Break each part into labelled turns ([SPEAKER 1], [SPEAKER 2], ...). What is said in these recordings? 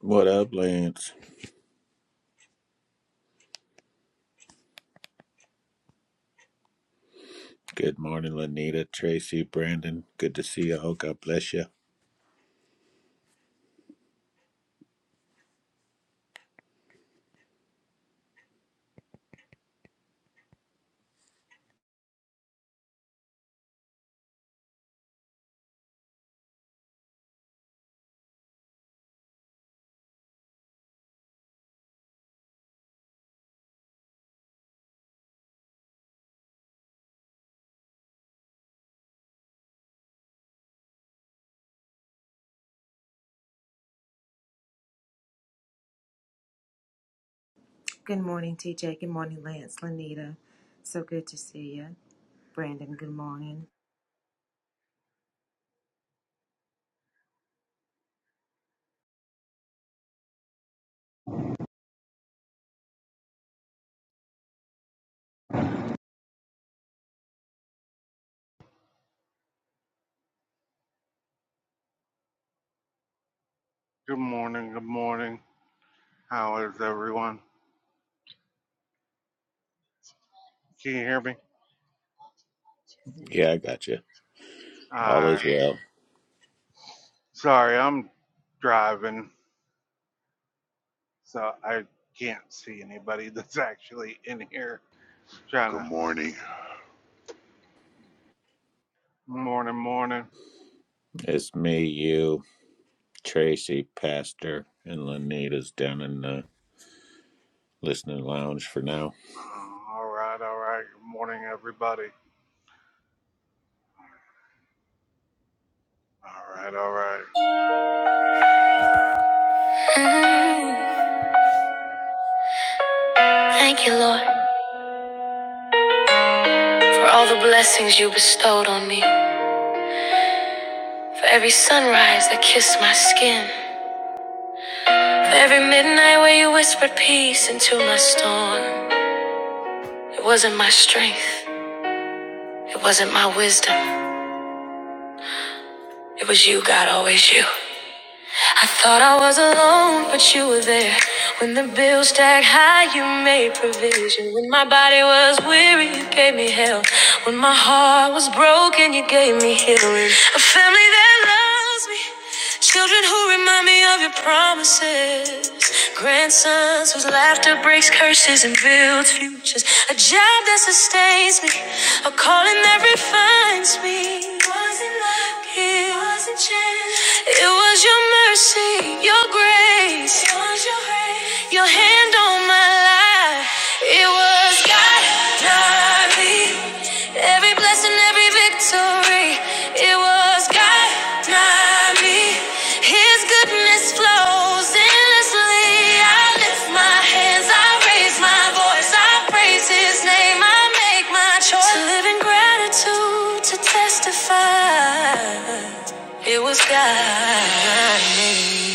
[SPEAKER 1] What up, Lance? Good morning, Lanita, Tracy, Brandon. Good to see you. Oh, God bless you.
[SPEAKER 2] Good morning, TJ. Good morning, Lance, Lanita. So good to see you. Brandon, good morning.
[SPEAKER 3] Good morning. Good morning. How is everyone? Can you hear me?
[SPEAKER 1] Yeah, I got you.
[SPEAKER 3] All
[SPEAKER 1] All
[SPEAKER 3] right.
[SPEAKER 1] is well.
[SPEAKER 3] Sorry, I'm driving, so I can't see anybody that's actually in here trying
[SPEAKER 4] Good
[SPEAKER 3] to.
[SPEAKER 4] morning.
[SPEAKER 3] Morning, morning.
[SPEAKER 1] It's me, you, Tracy, Pastor, and Lanita's down in the listening lounge for now.
[SPEAKER 3] Uh, all right, all right. Good morning, everybody. All right, all right.
[SPEAKER 2] Thank you, Lord,
[SPEAKER 3] Open it.
[SPEAKER 2] for all the blessings you bestowed on me. For every sunrise that kissed my skin. For every midnight where you whispered peace into my storm. It wasn't my strength. It wasn't my wisdom. It was you, God, always you. I thought I was alone, but you were there. When the bills stacked high, you made provision. When my body was weary, you gave me hell. When my heart was broken, you gave me healing. A family that loves me, children who remind me of your promises, grandsons whose laughter breaks curses and builds futures. A job that sustains me, a calling that refines me. It was a chance. It was your mercy, your grace. It was your grace. Your hand on my life. It was God. Not me. Every blessing, every victory. It was God. Not me. His goodness flows. in. Fearlessly, I lift my hands, I raise my voice, I praise His name, I make my choice to live in gratitude, to testify. It was God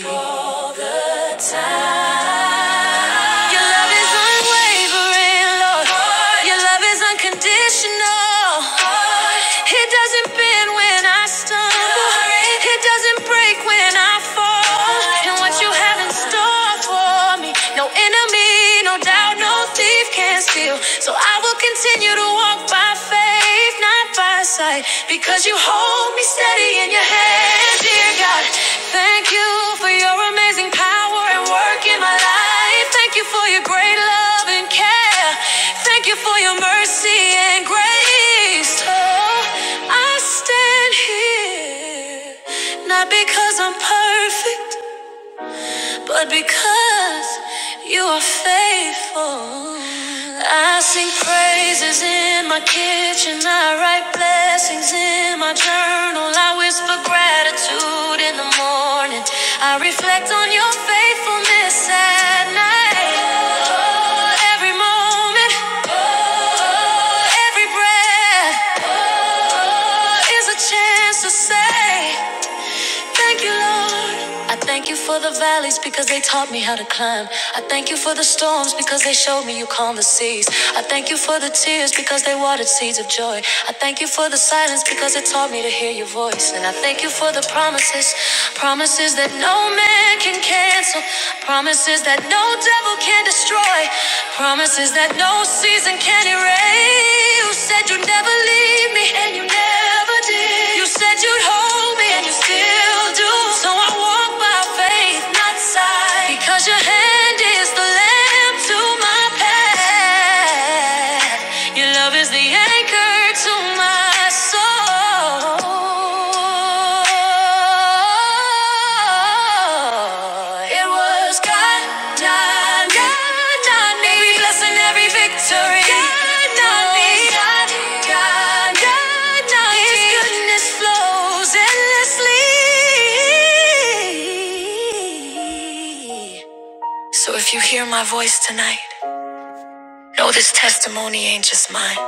[SPEAKER 2] you all the time. Your love is unwavering, Lord. Lord. Your love is unconditional. Lord. It doesn't bend when I stumble. Glory. It doesn't break when I fall. Lord. And what you have in store for me, no enemy, no doubt, no thief can steal. So I will continue to walk by faith, not by sight, because you hold me steady in your hand. Dear God, thank you for your amazing power and work in my life. Thank you for your great love and care. Thank you for your mercy and grace. Oh, I stand here not because I'm perfect but because you are faithful. I sing praises in my kitchen, I write blessings in my journal, I whisper gratitude in the morning, I reflect on your faithfulness at night. Oh, Every moment, oh, every breath. Oh, is a chance to say. Thank you, Lord. I thank you for the valleys because they taught me how to climb. I thank you for the storms because they showed me you calm the seas. I thank you for the tears because they watered seeds of joy. I thank you for the silence because it taught me to hear your voice. And I thank you for the promises, promises that no man can cancel. promises. Promises that no devil can destroy. Promises that no season can erase. You said you'd never leave me, and you never did. You said you'd hold me, and you still do. So I walk by faith, not sight. Because your hand is the lamp to my path. Your love is the anchor to my soul. Oh, it was God done. God done me. Every blessing, every victory. God done me. God, God, His goodness flows endlessly. So if you hear my voice tonight, know this testimony ain't just mine.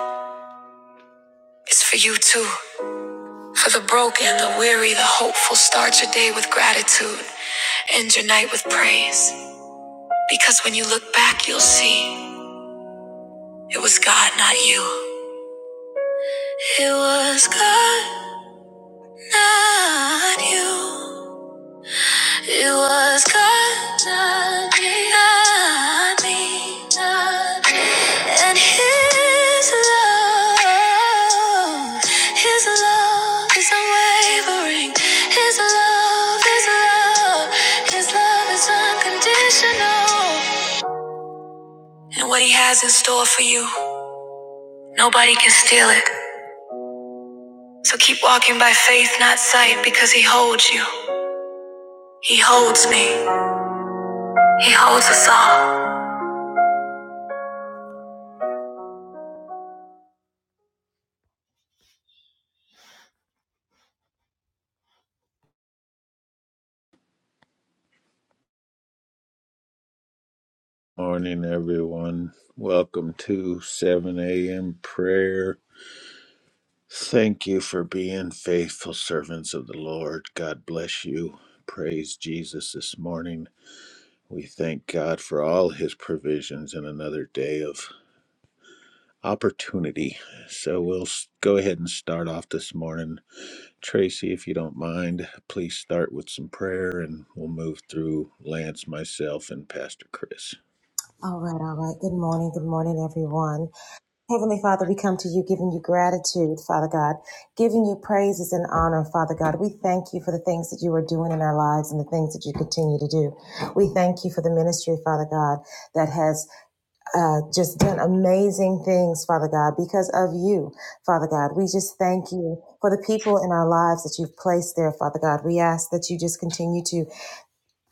[SPEAKER 2] It's for you too. For the broken, the weary, the hopeful, start your day with gratitude. End your night with praise. Because when you look back, you'll see it was God, not you. It was God, not you. It was God, not me, not me, not me. And His love, His love is unwavering. His love, His love, His love is unconditional. And what He has in store for you, nobody can steal it. So keep walking by faith, not sight, because He holds you. He holds me. He holds us all.
[SPEAKER 1] Morning, everyone. Welcome to 7 a.m. prayer. Thank you for being faithful servants of the Lord. God bless you. Praise Jesus this morning. We thank God for all his provisions and another day of opportunity. So we'll go ahead and start off this morning. Tracy, if you don't mind, please start with some prayer and we'll move through Lance, myself, and Pastor Chris.
[SPEAKER 2] All right, all right. Good morning, good morning, everyone. Heavenly Father, we come to you giving you gratitude, Father God, giving you praises and honor, Father God. We thank you for the things that you are doing in our lives and the things that you continue to do. We thank you for the ministry, Father God, that has uh, just done amazing things, Father God, because of you, Father God. We just thank you for the people in our lives that you've placed there, Father God. We ask that you just continue to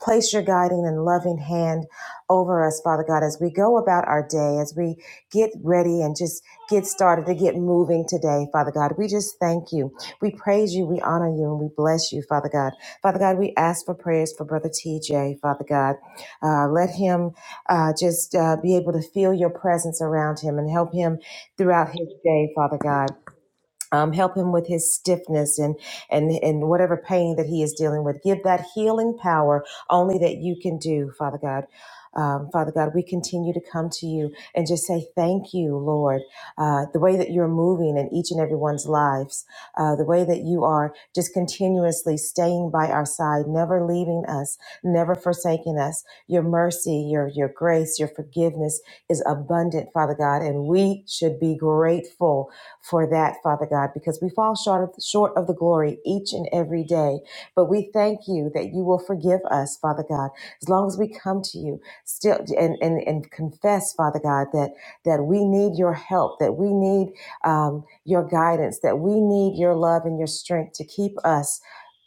[SPEAKER 2] Place your guiding and loving hand over us, Father God, as we go about our day, as we get ready and just get started to get moving today, Father God. We just thank you. We praise you. We honor you and we bless you, Father God. Father God, we ask for prayers for Brother TJ, Father God. Uh, let him uh, just uh, be able to feel your presence around him and help him throughout his day, Father God um, help him with his stiffness and and and whatever pain that he is dealing with. Give that healing power only that you can do, Father God. Um, Father God, we continue to come to you and just say thank you, Lord. Uh, the way that you're moving in each and everyone's lives, uh, the way that you are just continuously staying by our side, never leaving us, never forsaking us. Your mercy, your your grace, your forgiveness is abundant, Father God, and we should be grateful for that, Father God, because we fall short of, short of the glory each and every day. But we thank you that you will forgive us, Father God, as long as we come to you still and, and, and confess, Father God, that, that we need your help, that we need um, your guidance, that we need your love and your strength to keep us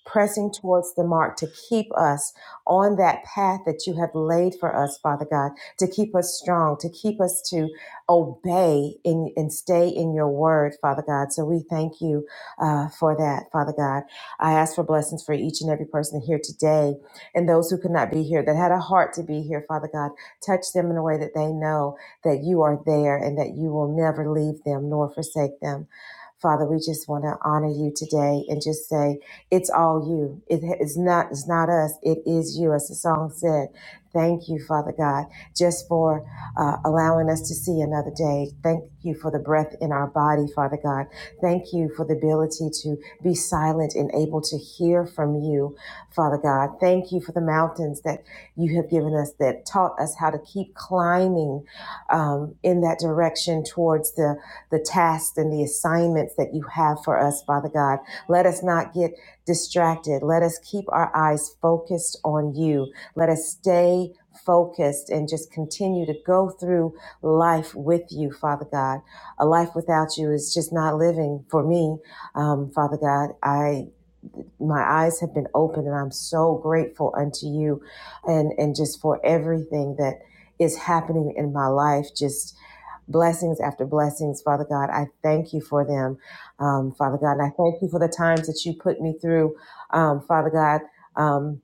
[SPEAKER 2] pressing towards the mark to keep us on that path that you have laid for us, Father God, to keep us strong, to keep us to obey and, and stay in your word, Father God. So we thank you uh, for that, Father God. I ask for blessings for each and every person here today and those who could not be here that had a heart to be here, Father God. Touch them in a way that they know that you are there and that you will never leave them nor forsake them. Father, we just want to honor you today and just say it's all you. It is not, it's not us. It is you, as the song said. Thank you, Father God, just for uh, allowing us to see another day. Thank you for the breath in our body, Father God. Thank you for the ability to be silent and able to hear from you, Father God. Thank you for the mountains that you have given us that taught us how to keep climbing um, in that direction towards the, the tasks and the assignments that you have for us, Father God. Let us not get distracted. Let us keep our eyes focused on you let us stay focused and just continue to go through life with you, Father God. A life without you is just not living for me, um, Father God. I my eyes have been opened and I'm so grateful unto you and and just for everything that is happening in my life just blessings after blessings father god i thank you for them um, father god and i thank you for the times that you put me through um, father god um,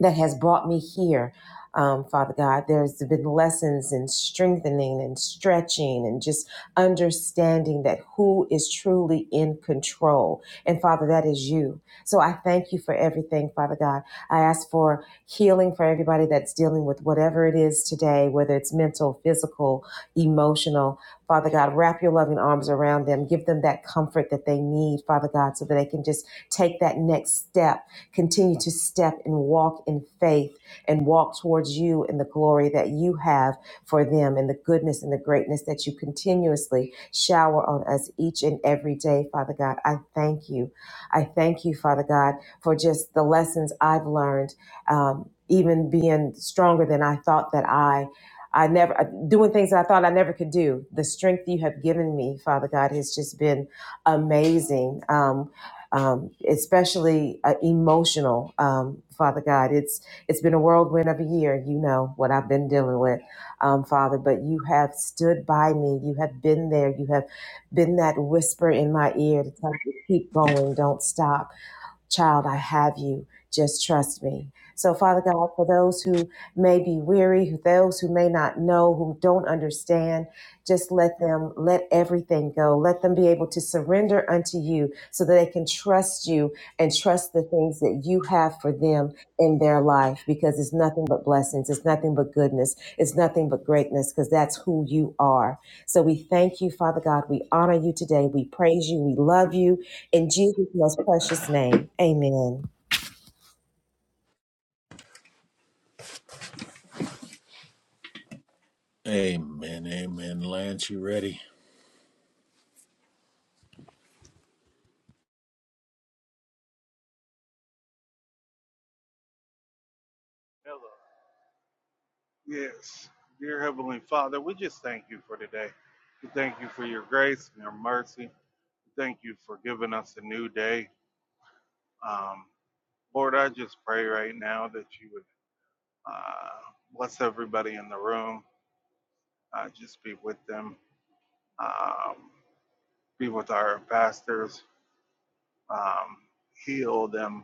[SPEAKER 2] that has brought me here, um, Father God. There's been lessons in strengthening and stretching and just understanding that who is truly in control. And Father, that is you. So I thank you for everything, Father God. I ask for healing for everybody that's dealing with whatever it is today, whether it's mental, physical, emotional. Father God, wrap your loving arms around them. Give them that comfort that they need, Father God, so that they can just take that next step Continue to step and walk in faith and walk towards you in the glory that you have for them and the goodness and the greatness that you continuously shower on us each and every day, Father God. I thank you. I thank you, Father God, for just the lessons I've learned, um, even being stronger than I thought that I I never uh, doing things that I thought I never could do. The strength you have given me, Father God, has just been amazing. Um, um, especially uh, emotional. Um, Father God, it's it's been a whirlwind of a year. You know what I've been dealing with, um, Father. But you have stood by me. You have been there. You have been that whisper in my ear to tell me, keep going, don't stop. Child, I have you. Just trust me. So, Father God, for those who may be weary, who- those who may not know, who don't understand, just let them let everything go. Let them be able to surrender unto you so that they can trust you and trust the things that you have for them in their life because it's nothing but blessings, it's nothing but goodness, it's nothing but greatness because that's who you are. So we thank you, Father God. We honor you today. We praise you. We love you. In Jesus' most precious name, amen.
[SPEAKER 1] Amen. Amen. Lance, you ready?
[SPEAKER 3] Hello. Yes. Dear Heavenly Father, we just thank you for today. We thank you for your grace and your mercy. Thank you for giving us a new day. Um, Lord, I just pray right now that you would uh, bless everybody in the room. Uh, just be with them. Um, be with our pastors. Um, heal them,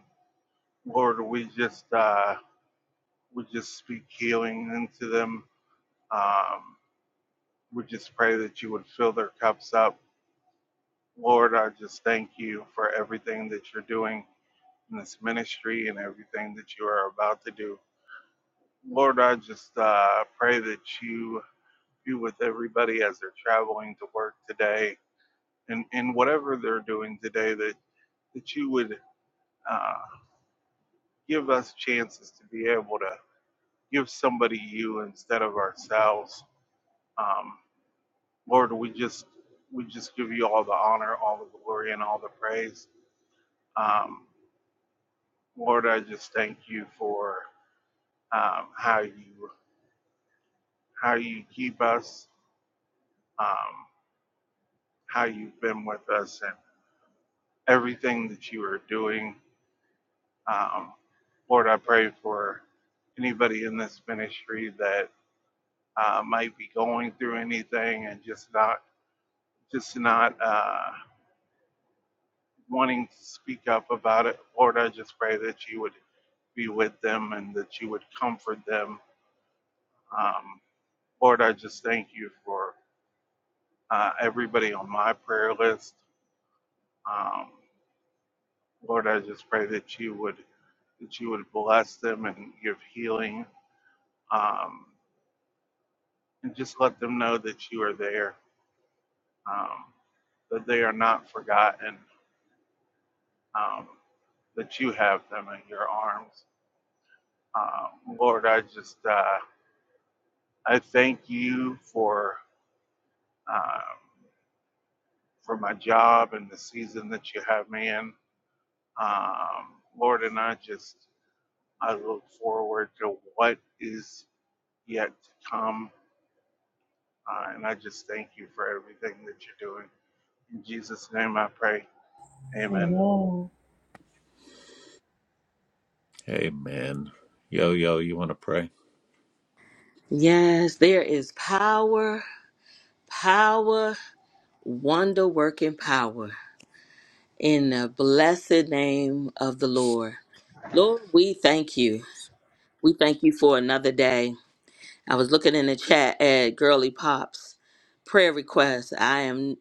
[SPEAKER 3] Lord. We just uh, we just speak healing into them. Um, we just pray that you would fill their cups up, Lord. I just thank you for everything that you're doing in this ministry and everything that you are about to do. Lord, I just uh, pray that you you with everybody as they're traveling to work today and, and whatever they're doing today that, that you would uh, give us chances to be able to give somebody you instead of ourselves. Um, Lord, we just we just give you all the honor, all the glory, and all the praise. Um, Lord, I just thank you for um, how you how you keep us, um, how you've been with us, and everything that you are doing Um, Lord, I pray for anybody in this ministry that uh, might be going through anything and just not just not uh, wanting to speak up about it. Lord, I just pray that you would be with them and that you would comfort them. Um, Lord, I just thank you for uh, everybody on my prayer list. Um, Lord, I just pray that you would that you would bless them and give healing um, and just let them know that you are there um, that they are not forgotten, um, that you have them in your arms. Um, Lord, I just uh, I thank you for um, for my job and the season that you have me in, um, Lord, and I just I look forward to what is yet to come, uh, and I just thank you for everything that you're doing. In Jesus' name, I pray. Amen.
[SPEAKER 1] Amen. Yo, yo, you want to pray?
[SPEAKER 5] Yes, there is power, power, wonder working power in the blessed name of the Lord. Lord, we thank you. We thank you for another day. I was looking in the chat at Girly Pop's prayer request. I am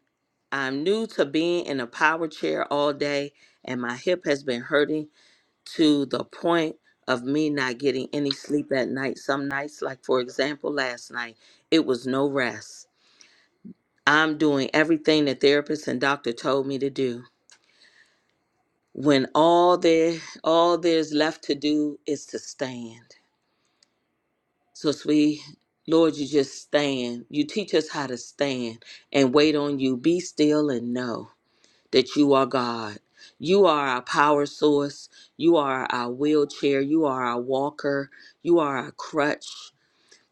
[SPEAKER 5] I'm new to being in a power chair all day and my hip has been hurting to the point of me not getting any sleep at night. Some nights, like for example last night, it was no rest. I'm doing everything the therapist and doctor told me to do. When all there all there's left to do is to stand. So sweet Lord, you just stand. You teach us how to stand and wait on you. Be still and know that you are God. You are our power source. You are our wheelchair. You are our walker. You are our crutch.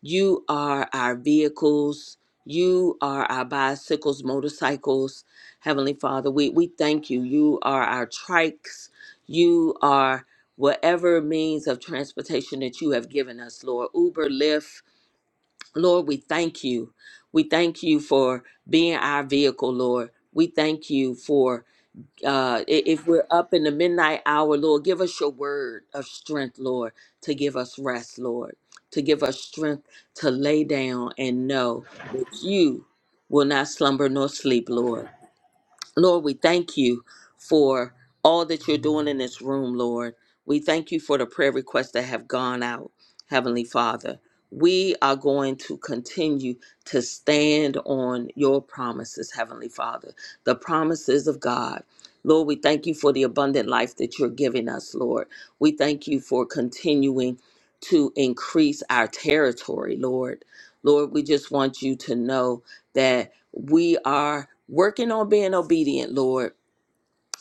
[SPEAKER 5] You are our vehicles. You are our bicycles, motorcycles. Heavenly Father, we, we thank you. You are our trikes. You are whatever means of transportation that you have given us, Lord. Uber, Lyft. Lord, we thank you. We thank you for being our vehicle, Lord. We thank you for uh, i- if we're up in the midnight hour, Lord, give us your word of strength, Lord, to give us rest, Lord, to give us strength to lay down and know that you will not slumber nor sleep, Lord. Lord, we thank you for all that you're doing in this room, Lord. We thank you for the prayer requests that have gone out, Heavenly Father. We are going to continue to stand on your promises, Heavenly Father, the promises of God. Lord, we thank you for the abundant life that you're giving us, Lord. We thank you for continuing to increase our territory, Lord. Lord, we just want you to know that we are working on being obedient, Lord.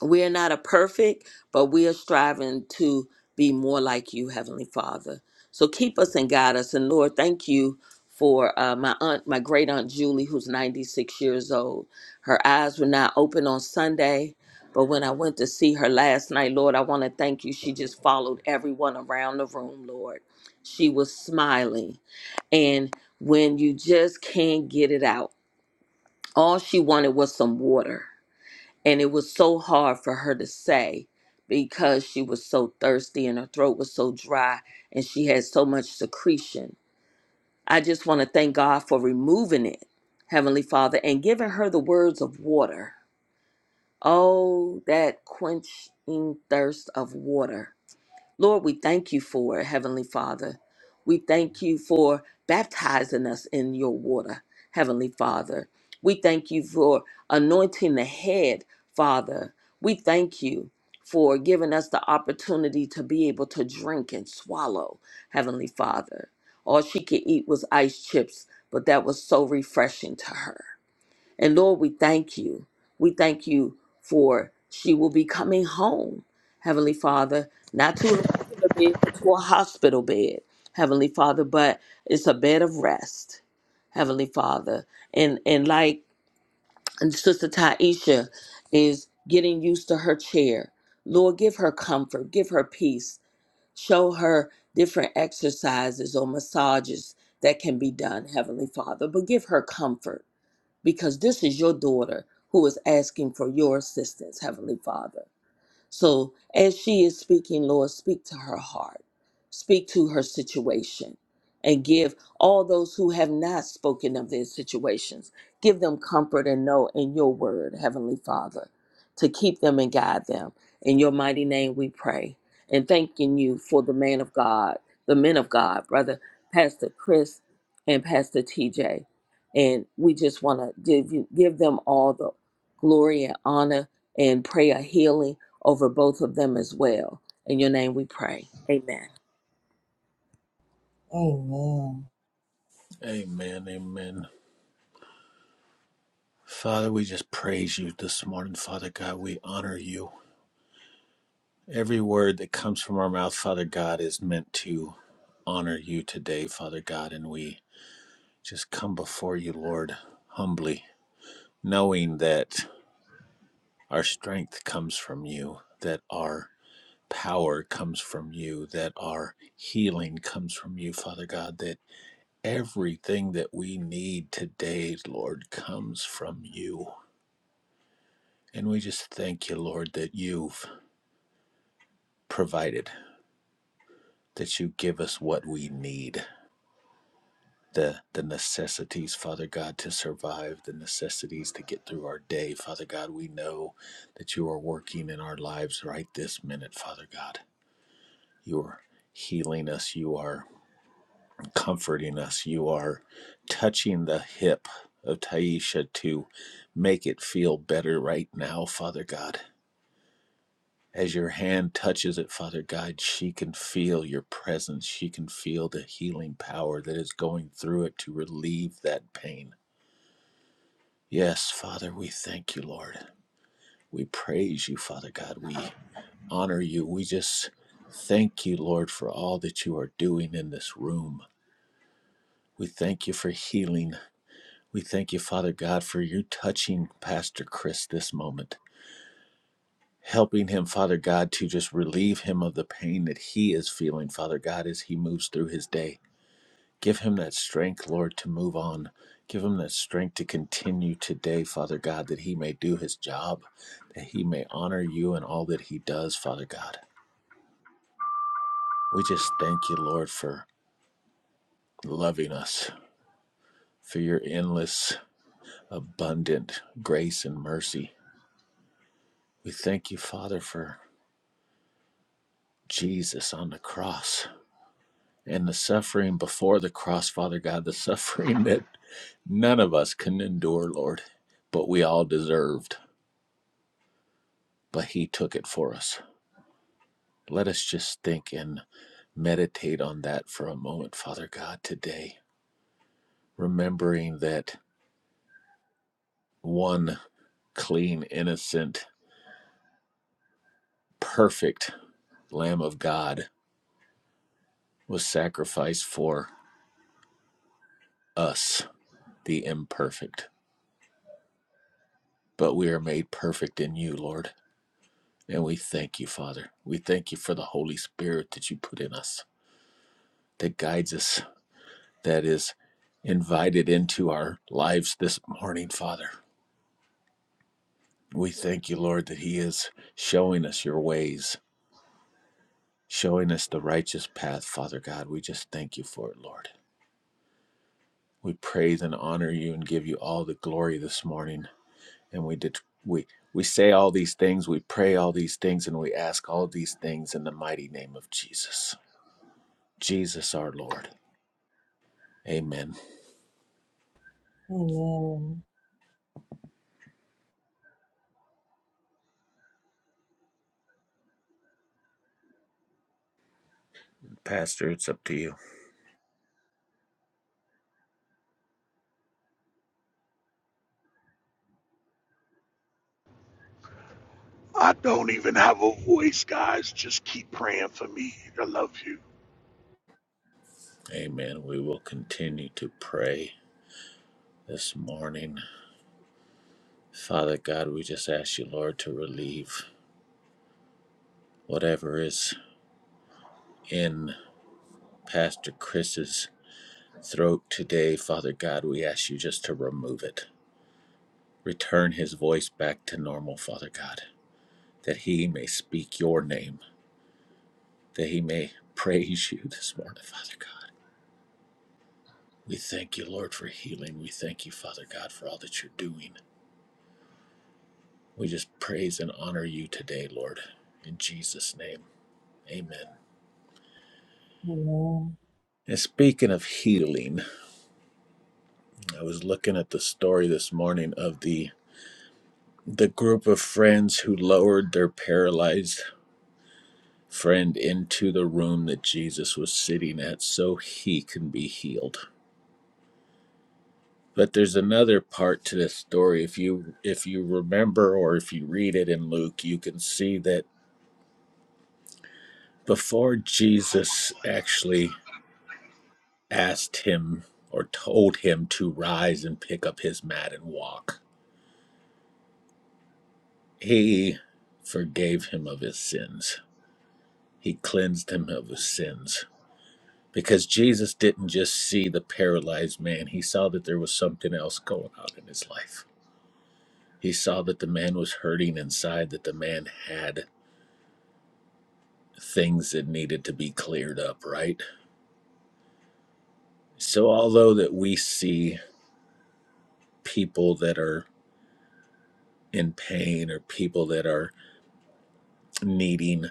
[SPEAKER 5] We are not a perfect, but we are striving to be more like you, Heavenly Father. So keep us and guide us. And Lord, thank you for uh, my aunt, my great aunt Julie, who's 96 years old. Her eyes were not open on Sunday. But when I went to see her last night, Lord, I want to thank you. She just followed everyone around the room, Lord. She was smiling. And when you just can't get it out, all she wanted was some water. And it was so hard for her to say because she was so thirsty and her throat was so dry and she had so much secretion. I just want to thank God for removing it, Heavenly Father, and giving her the words of water. Oh, that quenching thirst of water. Lord, we thank you for it, Heavenly Father. We thank you for baptizing us in your water, Heavenly Father. We thank you for anointing the head, Father. We thank you for giving us the opportunity to be able to drink and swallow, Heavenly Father. All she could eat was ice chips, but that was so refreshing to her. And Lord, we thank you. We thank you for she will be coming home, Heavenly Father, not to a regular bed, but to a hospital bed, Heavenly Father, but it's a bed of rest, Heavenly Father. And and like Sister Taisha is getting used to her chair. Lord, give her comfort, give her peace, show her different exercises or massages that can be done, Heavenly Father, but give her comfort because this is your daughter who is asking for your assistance, Heavenly Father. So as she is speaking, Lord, speak to her heart, speak to her situation, and give all those who have not spoken of their situations, give them comfort and know in your word, Heavenly Father, to keep them and guide them. In your mighty name we pray. And thanking you for the man of God, the men of God, brother Pastor Chris and Pastor TJ. And we just want to give you give them all the glory and honor and pray a healing over both of them as well. In your name we pray. Amen.
[SPEAKER 1] Amen. Amen. Father, we just praise you this morning, Father God. We honor you. Every word that comes from our mouth, Father God, is meant to honor you today, Father God, and we just come before you, Lord, humbly, knowing that our strength comes from you, that our power comes from you, that our healing comes from you, Father God, that everything that we need today, Lord, comes from you. And we just thank you, Lord, that you've provided, that you give us what we need. the the necessities, Father God, to survive, the necessities to get through our day. Father God, we know that you are working in our lives right this minute, Father God. You are healing us, you are comforting us, you are touching the hip of Taisha to make it feel better right now, Father God. As your hand touches it, Father God, she can feel your presence. She can feel the healing power that is going through it to relieve that pain. Yes, Father, we thank you, Lord. We praise you, Father God. We honor you. We just thank you, Lord, for all that you are doing in this room. We thank you for healing. We thank you, Father God, for you touching Pastor Chris this moment, helping him, Father God, to just relieve him of the pain that he is feeling, Father God, as he moves through his day. Give him that strength, Lord, to move on. Give him that strength to continue today, Father God, that he may do his job, that he may honor you in all that he does, Father God. We just thank you, Lord, for loving us, for your endless, abundant grace and mercy. We thank you, Father, for Jesus on the cross and the suffering before the cross, Father God, the suffering that none of us can endure, Lord, but we all deserved, but he took it for us. Let us just think and meditate on that for a moment, Father God, today, remembering that one clean, innocent, perfect Lamb of God was sacrificed for us, the imperfect. But we are made perfect in you, Lord. And we thank you, Father. We thank you for the Holy Spirit that you put in us, that guides us, that is invited into our lives this morning, Father. We thank you, Lord, that He is showing us your ways, showing us the righteous path, Father God. We just thank you for it, Lord. We praise and honor you and give you all the glory this morning. And we did we we say all these things, we pray all these things, and we ask all these things in the mighty name of Jesus. Jesus our Lord. Amen.
[SPEAKER 2] Amen.
[SPEAKER 1] Pastor, it's up to you.
[SPEAKER 4] I don't even have a voice, guys. Just keep praying for me. I love you.
[SPEAKER 1] Amen. We will continue to pray this morning. Father God, we just ask you, Lord, to relieve whatever is in Pastor Chris's throat today, Father God, we ask you just to remove it. Return his voice back to normal, Father God, that he may speak your name, that he may praise you this morning, Father God. We thank you, Lord, for healing. We thank you, Father God, for all that you're doing. We just praise and honor you today, Lord. In Jesus' name, amen.
[SPEAKER 2] Amen.
[SPEAKER 1] And speaking of healing, I was looking at the story this morning of the The group of friends who lowered their paralyzed friend into the room that Jesus was sitting at so he can be healed. But there's another part to this story. If you if you remember or if you read it in Luke, you can see that before Jesus actually asked him or told him to rise and pick up his mat and walk, he forgave him of his sins. He cleansed him of his sins because Jesus didn't just see the paralyzed man, he saw that there was something else going on in his life. He saw that the man was hurting inside, that the man had things that needed to be cleared up, right? So, although that we see people that are in pain or people that are needing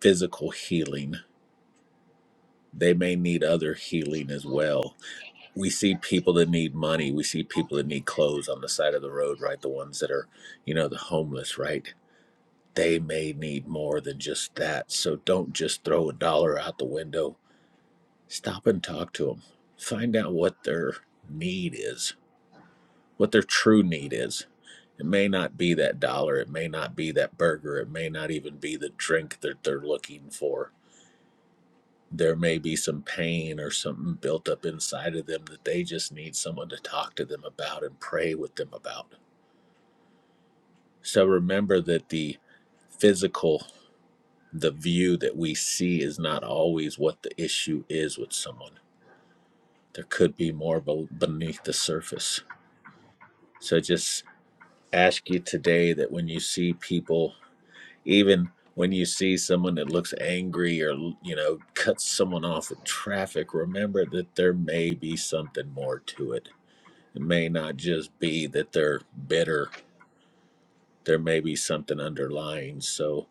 [SPEAKER 1] physical healing, they may need other healing as well. We see people that need money. We see people that need clothes on the side of the road, right? The ones that are, you know, the homeless, right? they may need more than just that. So don't just throw a dollar out the window. Stop and talk to them. Find out what their need is, what their true need is. It may not be that dollar, it may not be that burger, it may not even be the drink that they're looking for. There may be some pain or something built up inside of them that they just need someone to talk to them about and pray with them about. So remember that the physical the view that we see is not always what the issue is with someone. There could be more beneath the surface. So just ask you today that when you see people, even when you see someone that looks angry or you know cuts someone off in traffic, remember that there may be something more to it. It may not just be that they're bitter. There may be something underlying. So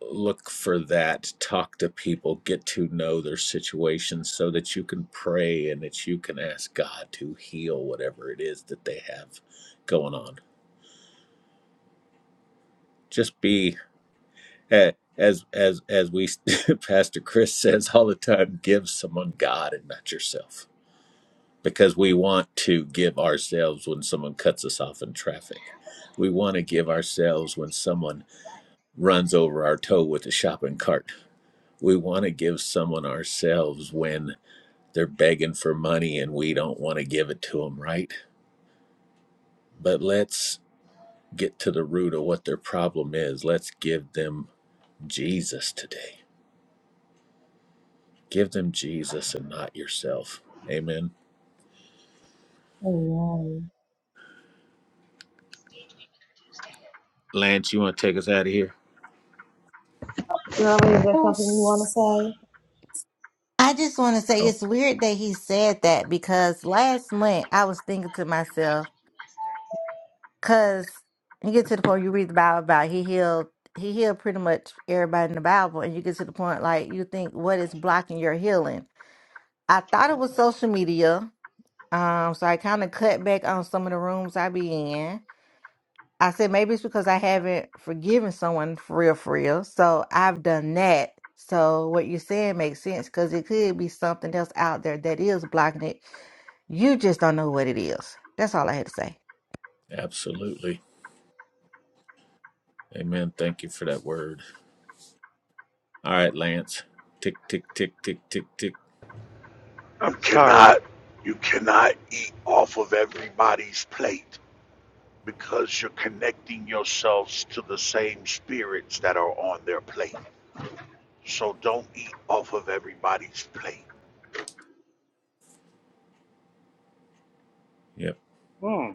[SPEAKER 1] look for that, talk to people, get to know their situation so that you can pray and that you can ask God to heal whatever it is that they have going on. Just be eh, as as as we Pastor Chris says all the time, give someone God and not yourself. Because we want to give ourselves when someone cuts us off in traffic. We want to give ourselves when someone runs over our toe with a shopping cart. We want to give someone ourselves when They're begging for money and we don't want to give it to them, right? But let's get to the root of what their problem is. Let's give them Jesus today. Give them Jesus and not yourself. Amen.
[SPEAKER 2] Amen.
[SPEAKER 1] Lance, you want to take us out of here?
[SPEAKER 2] Girlie, is there
[SPEAKER 6] I
[SPEAKER 2] something you want to say?
[SPEAKER 6] just want to say
[SPEAKER 1] Oh,
[SPEAKER 6] it's weird that he said that because last month I was thinking to myself, because you get to the point you read the Bible about he healed, he healed pretty much everybody in the Bible, and you get to the point like you think what is blocking your healing. I thought it was social media, um, so I kind of cut back on some of the rooms I be in. I said maybe it's because I haven't forgiven someone for real, for real. So I've done that. So what you're saying makes sense because it could be something else out there that is blocking it. You just don't know what it is. That's all I had to say.
[SPEAKER 1] absolutely. Amen. Thank you for that word. All right, Lance. Tick, tick, tick, tick, tick, tick.
[SPEAKER 3] I'm
[SPEAKER 4] You
[SPEAKER 3] sorry.
[SPEAKER 4] cannot you cannot eat off of everybody's plate because you're connecting yourselves to the same spirits that are on their plate. So don't eat off of everybody's plate.
[SPEAKER 1] Yep,
[SPEAKER 3] Mm,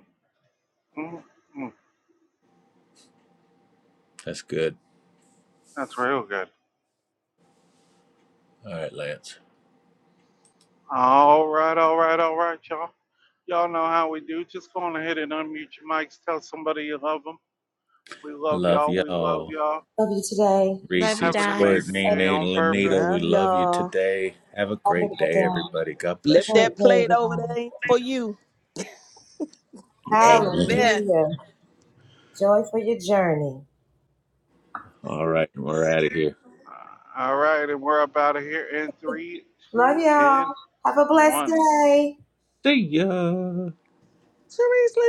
[SPEAKER 3] mm, mm.
[SPEAKER 1] that's good.
[SPEAKER 3] That's real good.
[SPEAKER 1] All right, Lance.
[SPEAKER 3] All right, all right, all right, y'all. Y'all know how we do. Just go on ahead and unmute your mics. Tell somebody you love them. We love
[SPEAKER 1] Love
[SPEAKER 3] y'all. We love
[SPEAKER 1] y'all.
[SPEAKER 3] y'all.
[SPEAKER 2] Love you today.
[SPEAKER 1] Reese,
[SPEAKER 6] Love you
[SPEAKER 3] Have an
[SPEAKER 1] Squirt,
[SPEAKER 6] guys.
[SPEAKER 3] amazing
[SPEAKER 1] Nene,
[SPEAKER 2] Have
[SPEAKER 3] day on
[SPEAKER 1] Lenita,
[SPEAKER 3] purpose.
[SPEAKER 1] we
[SPEAKER 5] Love
[SPEAKER 1] love you
[SPEAKER 5] y'all.
[SPEAKER 1] today. Have a
[SPEAKER 2] a
[SPEAKER 1] great
[SPEAKER 2] wonderful
[SPEAKER 1] day,
[SPEAKER 2] day.
[SPEAKER 1] everybody. God
[SPEAKER 2] Have
[SPEAKER 5] Flip
[SPEAKER 1] bless
[SPEAKER 2] a
[SPEAKER 1] you.
[SPEAKER 5] that
[SPEAKER 2] Great day,
[SPEAKER 5] plate over
[SPEAKER 2] everybody.
[SPEAKER 5] there ain't for you.
[SPEAKER 1] Amen.
[SPEAKER 5] Amen.
[SPEAKER 2] Hallelujah. Joy for your journey.
[SPEAKER 1] All right, we're out of here.
[SPEAKER 3] Uh, all right, and we're up out of here in three,
[SPEAKER 2] Love
[SPEAKER 3] two,
[SPEAKER 2] y'all.
[SPEAKER 3] and
[SPEAKER 2] Have a blessed
[SPEAKER 3] one.
[SPEAKER 2] day.
[SPEAKER 1] See ya.
[SPEAKER 5] Seriously.